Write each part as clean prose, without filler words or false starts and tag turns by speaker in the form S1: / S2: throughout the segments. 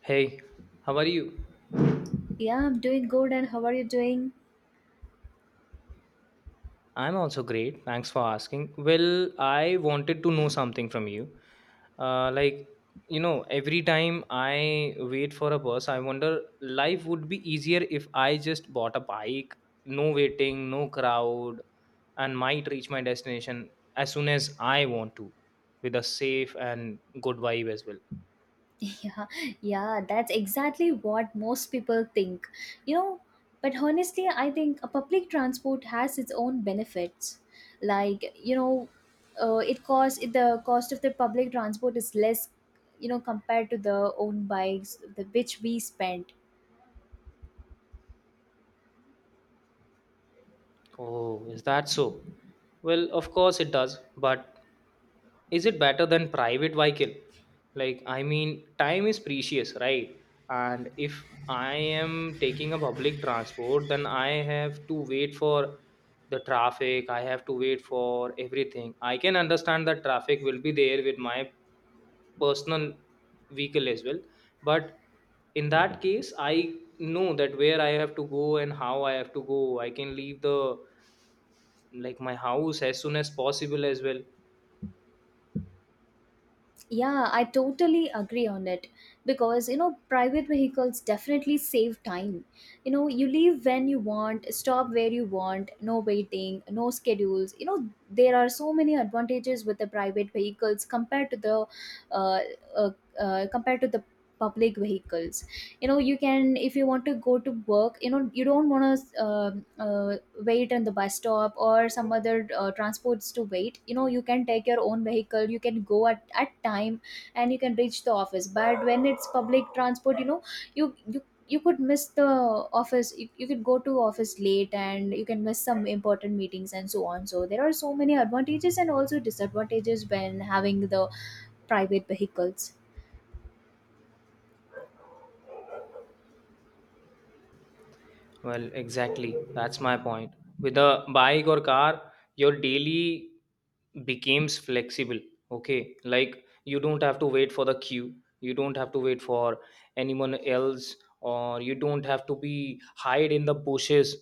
S1: Hey, how are you?
S2: Yeah, I'm doing good. And how are you doing?
S1: I'm also great. Thanks for asking. Well, I wanted to know something from you. Like, every time I wait for a bus, I wonder life would be easier if I just bought a bike, no waiting, no crowd, and might reach my destination as soon as I want to, with a safe and good vibe as well.
S2: Yeah, yeah, that's exactly what most people think. You know, but honestly, I think a public transport has its own benefits. Like, it costs the cost of the public transport is less, compared to the own bikes, the which we spend.
S1: Oh, is that so? Well, of course it does, but is it better than private vehicle? Like, I mean, time is precious, right? And if I am taking a public transport, then I have to wait for the traffic, I have to wait for everything. I can understand that traffic will be there with my personal vehicle as well, but in that case I know that where I have to go and how I have to go. I can leave the, like, my house as soon as possible as well.
S2: Yeah, I totally agree on it because private vehicles definitely save time. You leave when you want, stop where you want, no waiting, no schedules. There are so many advantages with the private vehicles compared to the uh, uh, uh, compared to the public vehicles. You can If you want to go to work, you don't want to uh, wait on the bus stop or some other transports to wait. You can take your own vehicle, you can go at time, and you can reach the office. But when it's public transport, you you you could miss the office. You could go to office late and you can miss some important meetings, and so on. So there are so many advantages and also disadvantages when having the private vehicles.
S1: Well, exactly. That's my point. With a bike or car, your daily becomes flexible. Okay. Like, you don't have to wait for the queue. You don't have to wait for anyone else, or you don't have to be hide in the bushes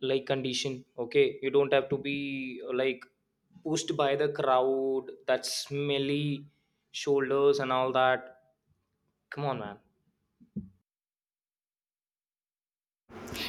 S1: like condition. Okay. You don't have to be like pushed by the crowd, that smelly shoulders and all that. Come on, man.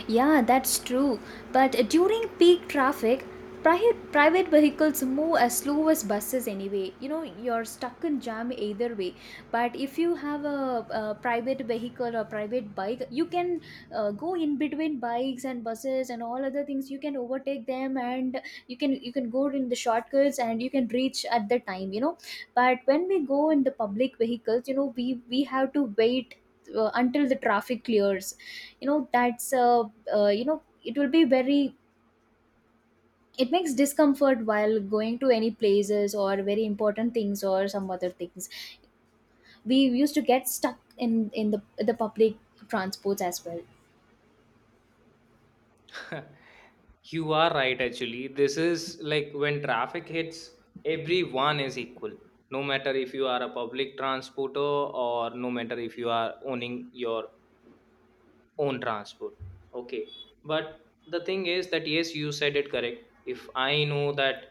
S2: Yeah, that's true. But during peak traffic, private vehicles move as slow as buses anyway. You're stuck in jam either way. But if you have a private vehicle or private bike, you can go in between bikes and buses and all other things. You can overtake them, and you can go in the shortcuts, and you can reach at the time. But when we go in the public vehicles, we have to wait until the traffic clears. That's, it will be very, it makes discomfort while going to any places or very important things or some other things. We used to get stuck in the public transports as well.
S1: You are right, actually. This is like when traffic hits, everyone is equal. No matter if you are a public transporter or no matter if you are owning your own transport. Okay. But the thing is that, yes, you said it correct. If I know that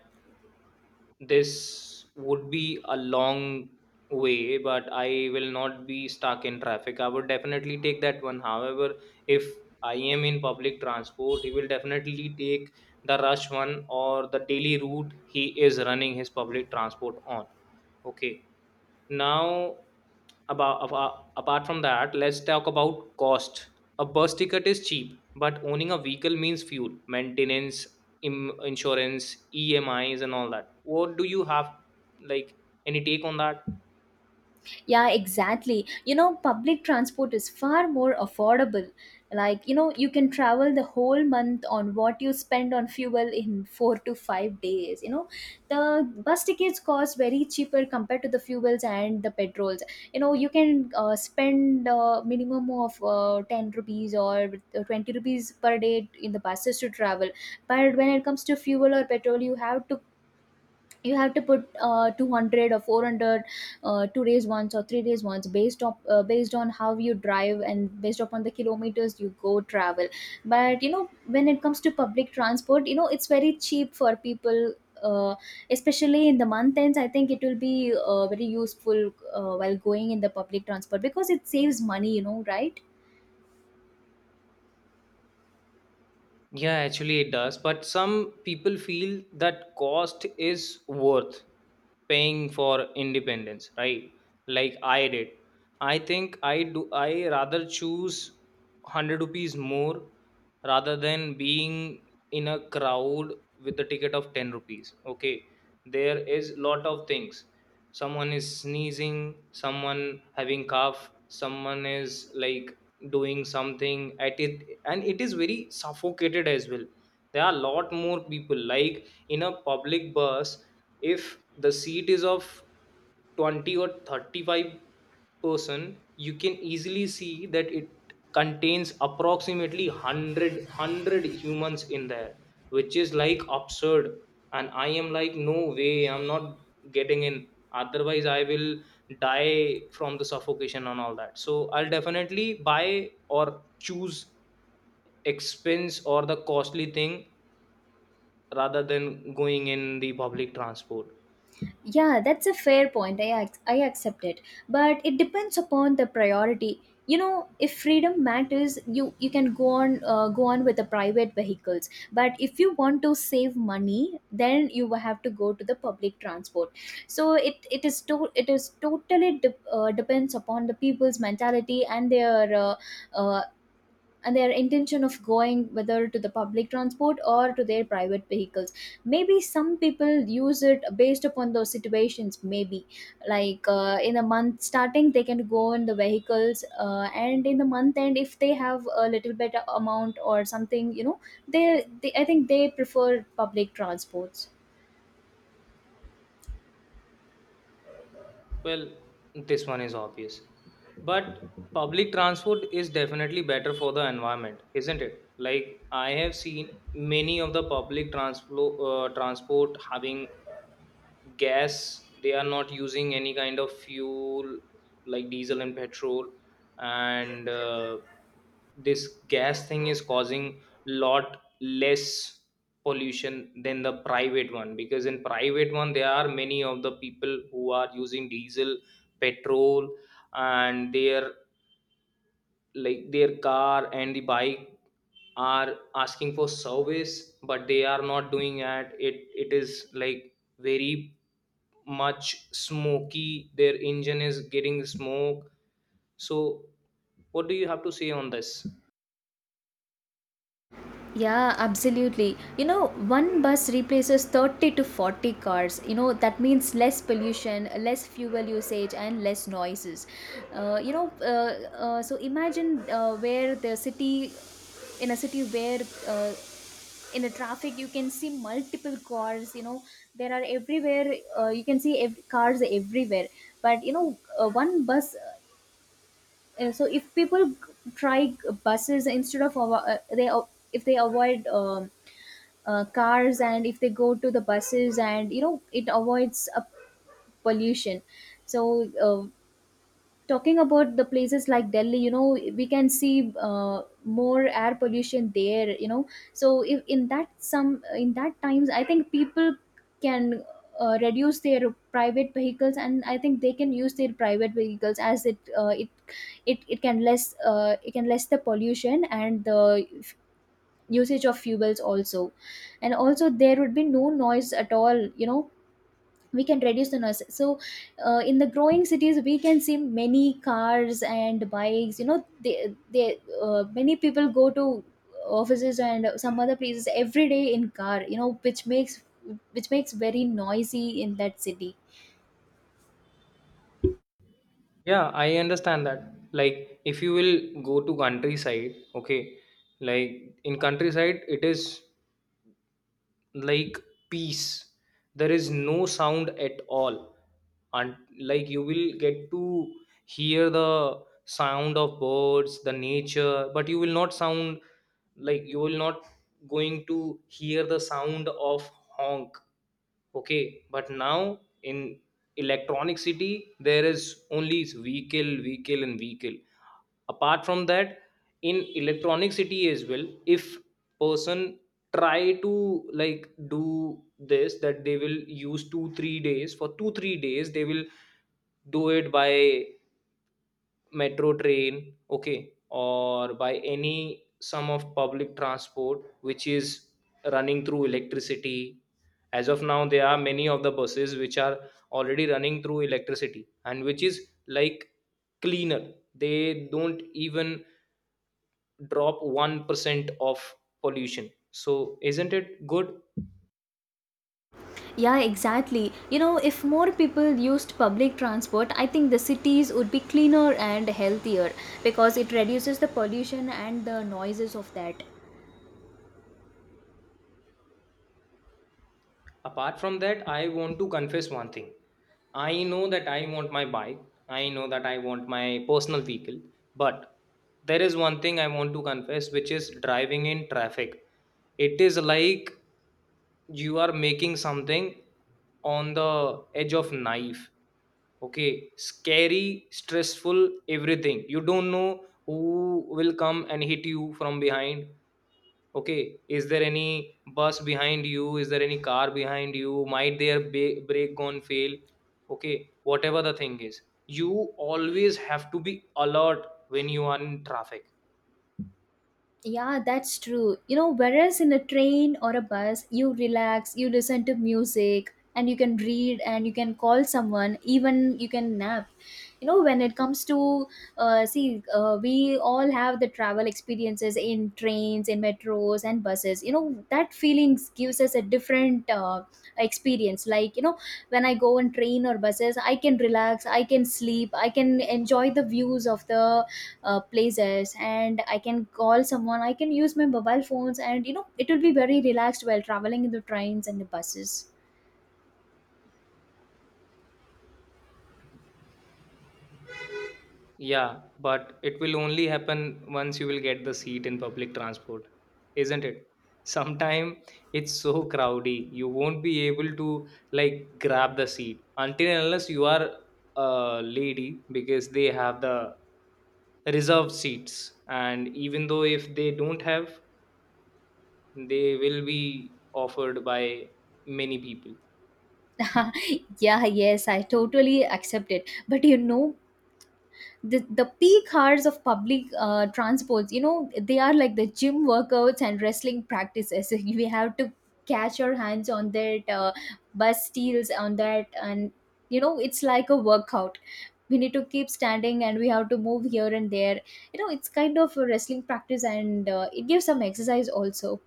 S1: this would be a long way but I will not be stuck in traffic, I would definitely take that one. However, if I am in public transport, he will definitely take the rush one or the daily route he is running his public transport on. Okay. Now about apart from that, let's talk about cost. A bus ticket is cheap, but owning a vehicle means fuel, maintenance, insurance, emis and all that. What do you have, like, any take on that?
S2: Yeah, exactly. Public transport is far more affordable. Like, you can travel the whole month on what you spend on fuel in 4 to 5 days. The bus tickets cost very cheaper compared to the fuels and the petrols. You can spend a minimum of 10 rupees or 20 rupees per day in the buses to travel. But when it comes to fuel or petrol, you have to put 200 or 400, 2 days once or 3 days once, based on based on how you drive and based upon the kilometers you go travel. But when it comes to public transport, it's very cheap for people, uh, especially in the month ends. I think it will be very useful while going in the public transport because it saves money, right?
S1: Yeah, actually it does. But some people feel that cost is worth paying for independence, right? Like I did. I think I rather choose 100 rupees more rather than being in a crowd with a ticket of 10 rupees. Okay. There is lot of things. Someone is sneezing, someone having cough, someone is like doing something at it, and it is very suffocated as well. There are a lot more people like in a public bus. If the seat is of 20 or 35 person, you can easily see that it contains approximately 100 humans in there, which is like absurd. And I am like no way, I'm not getting in, otherwise I will die from the suffocation and all that. So I'll definitely buy or choose expense or the costly thing rather than going in the public transport.
S2: Yeah, that's a fair point. I accept it, but it depends upon the priority. If freedom matters, you can go on with the private vehicles. But if you want to save money, then you will have to go to the public transport. So it is totally depends upon the people's mentality and uh, their intention of going, whether to the public transport or to their private vehicles. Maybe some people use it based upon those situations. Maybe like in the month starting they can go in the vehicles, and in the month end if they have a little bit amount or something, they I think they prefer public transports.
S1: Well, this one is obvious, but public transport is definitely better for the environment, isn't it? Like, I have seen many of the public transport having gas. They are not using any kind of fuel like diesel and petrol. And this gas thing is causing lot less pollution than the private one, because in private one there are many of the people who are using diesel, petrol, and their, like, their car and the bike are asking for service, but they are not doing it. It is like very much smoky, their engine is getting smoke. So what do you have to say on this?
S2: Yeah, absolutely. One bus replaces 30 to 40 cars. That means less pollution, less fuel usage, and less noises. So imagine, where the city, in a city where, uh, in a traffic you can see multiple cars. There are everywhere, you can see cars everywhere. But one bus, so if people try buses instead of, if they avoid, cars, and if they go to the buses. And it avoids a pollution. So, talking about the places like Delhi. We can see more air pollution there. So if in that some in that times, I think people can reduce their private vehicles. And I think they can use their private vehicles as it it it it can less the pollution and the usage of fuels also. And also there would be no noise at all. We can reduce the noise. So in the growing cities, we can see many cars and bikes. You know they, they uh, many people go to offices and some other places every day in car, which makes very noisy in that city.
S1: Yeah, I understand that. Like, if you will go to countryside, okay, like in countryside it is like peace, there is no sound at all. And like, you will get to hear the sound of birds, the nature, but you will not sound, like, you will not going to hear the sound of honk. Okay, but now in electronic city there is only vehicle, vehicle, and vehicle. Apart from that, in electronic city as well, if person try to like do this, that they will use 2 3 days, for 2 3 days they will do it by metro train. Okay, or by any sum of public transport which is running through electricity. As of now, there are many of the buses which are already running through electricity and which is like cleaner. They don't even drop 1% of pollution. So isn't it good?
S2: Yeah, exactly. If more people used public transport, I think the cities would be cleaner and healthier, because it reduces the pollution and the noises of that.
S1: Apart from that, I want to confess one thing. I know that I want my bike, I know that I want my personal vehicle, but there is one thing I want to confess, which is driving in traffic. It is like you are making something on the edge of knife. Okay, scary, stressful, everything. You don't know who will come and hit you from behind. Okay, is there any bus behind you, is there any car behind you, might their brake gone fail? Okay, whatever the thing is, you always have to be alert when you are in traffic.
S2: Yeah, that's true. Whereas in a train or a bus, you relax, you listen to music, and you can read, and you can call someone, even you can nap. When it comes to, see, we all have the travel experiences in trains, in metros, and buses. That feelings gives us a different experience. Like, when I go on train or buses, I can relax, I can sleep, I can enjoy the views of the places, and I can call someone, I can use my mobile phones. And it will be very relaxed while traveling in the trains and the buses.
S1: Yeah, but it will only happen once you will get the seat in public transport, isn't it? Sometime it's so crowdy, you won't be able to like grab the seat until and unless you are a lady, because they have the reserved seats. And even though if they don't have, they will be offered by many people.
S2: Yeah, yes, I totally accept it. But the peak hours of public transports, they are like the gym workouts and wrestling practices. We have to catch our hands on that, bus steals on that, and it's like a workout. We need to keep standing and we have to move here and there. It's kind of a wrestling practice, and it gives some exercise also.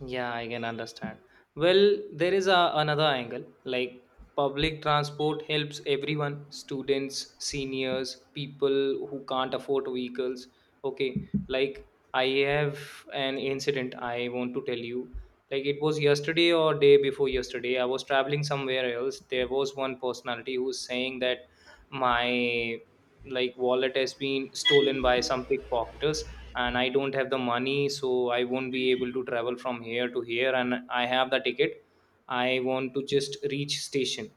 S1: Yeah, I can understand. Well, there is another angle, like public transport helps everyone, students, seniors, people who can't afford vehicles. Okay, like I have an incident I want to tell you. Like it was yesterday or day before yesterday, I was traveling somewhere else. There was one personality who was saying that my, like, wallet has been stolen by some pickpocketers, and I don't have the money, so I won't be able to travel from here to here. And I have the ticket, I want to just reach station.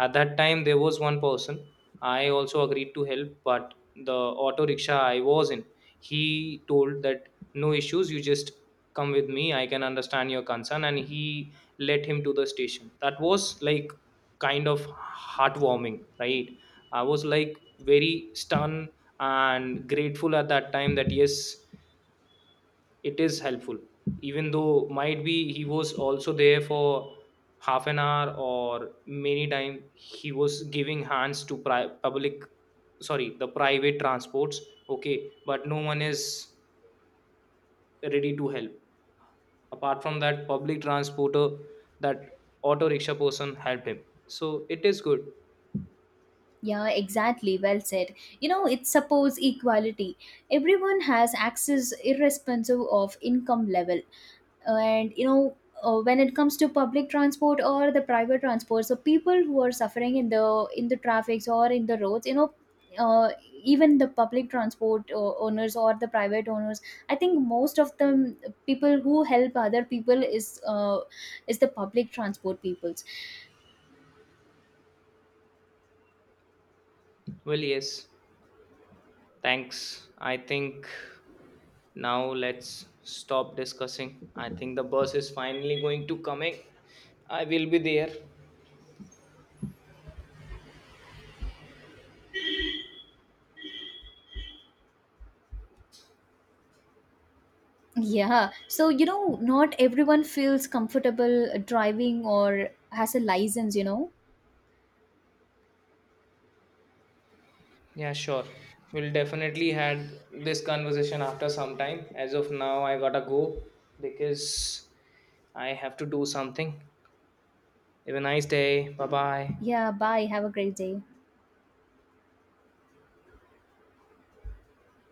S1: At that time, there was one person, I also agreed to help, but the auto rickshaw I was in, he told that no issues, you just come with me, I can understand your concern. And he led him to the station. That was like kind of heartwarming, right? I was like very stunned and grateful at that time that yes it is helpful. Even though might be he was also there for half an hour, or many time he was giving hands to public, sorry, the private transports. Okay, but no one is ready to help apart from that public transporter. That auto rickshaw person helped him, so it is good.
S2: Yeah, exactly, well said. It supports equality. Everyone has access, irresponsive of income level. And when it comes to public transport or the private transport, so people who are suffering in the traffics or in the roads, uh, even the public transport owners or the private owners, I think most of them. People who help other people is the public transport peoples.
S1: Well, yes, thanks, I think. Now let's stop discussing. I think the bus is finally going to coming. I will be there.
S2: Yeah, so not everyone feels comfortable driving or has a license. you know
S1: Yeah, sure. We'll definitely had this conversation after some time. As of now, I gotta go because I have to do something. Have a nice day. Bye bye.
S2: yeah bye, have a great day.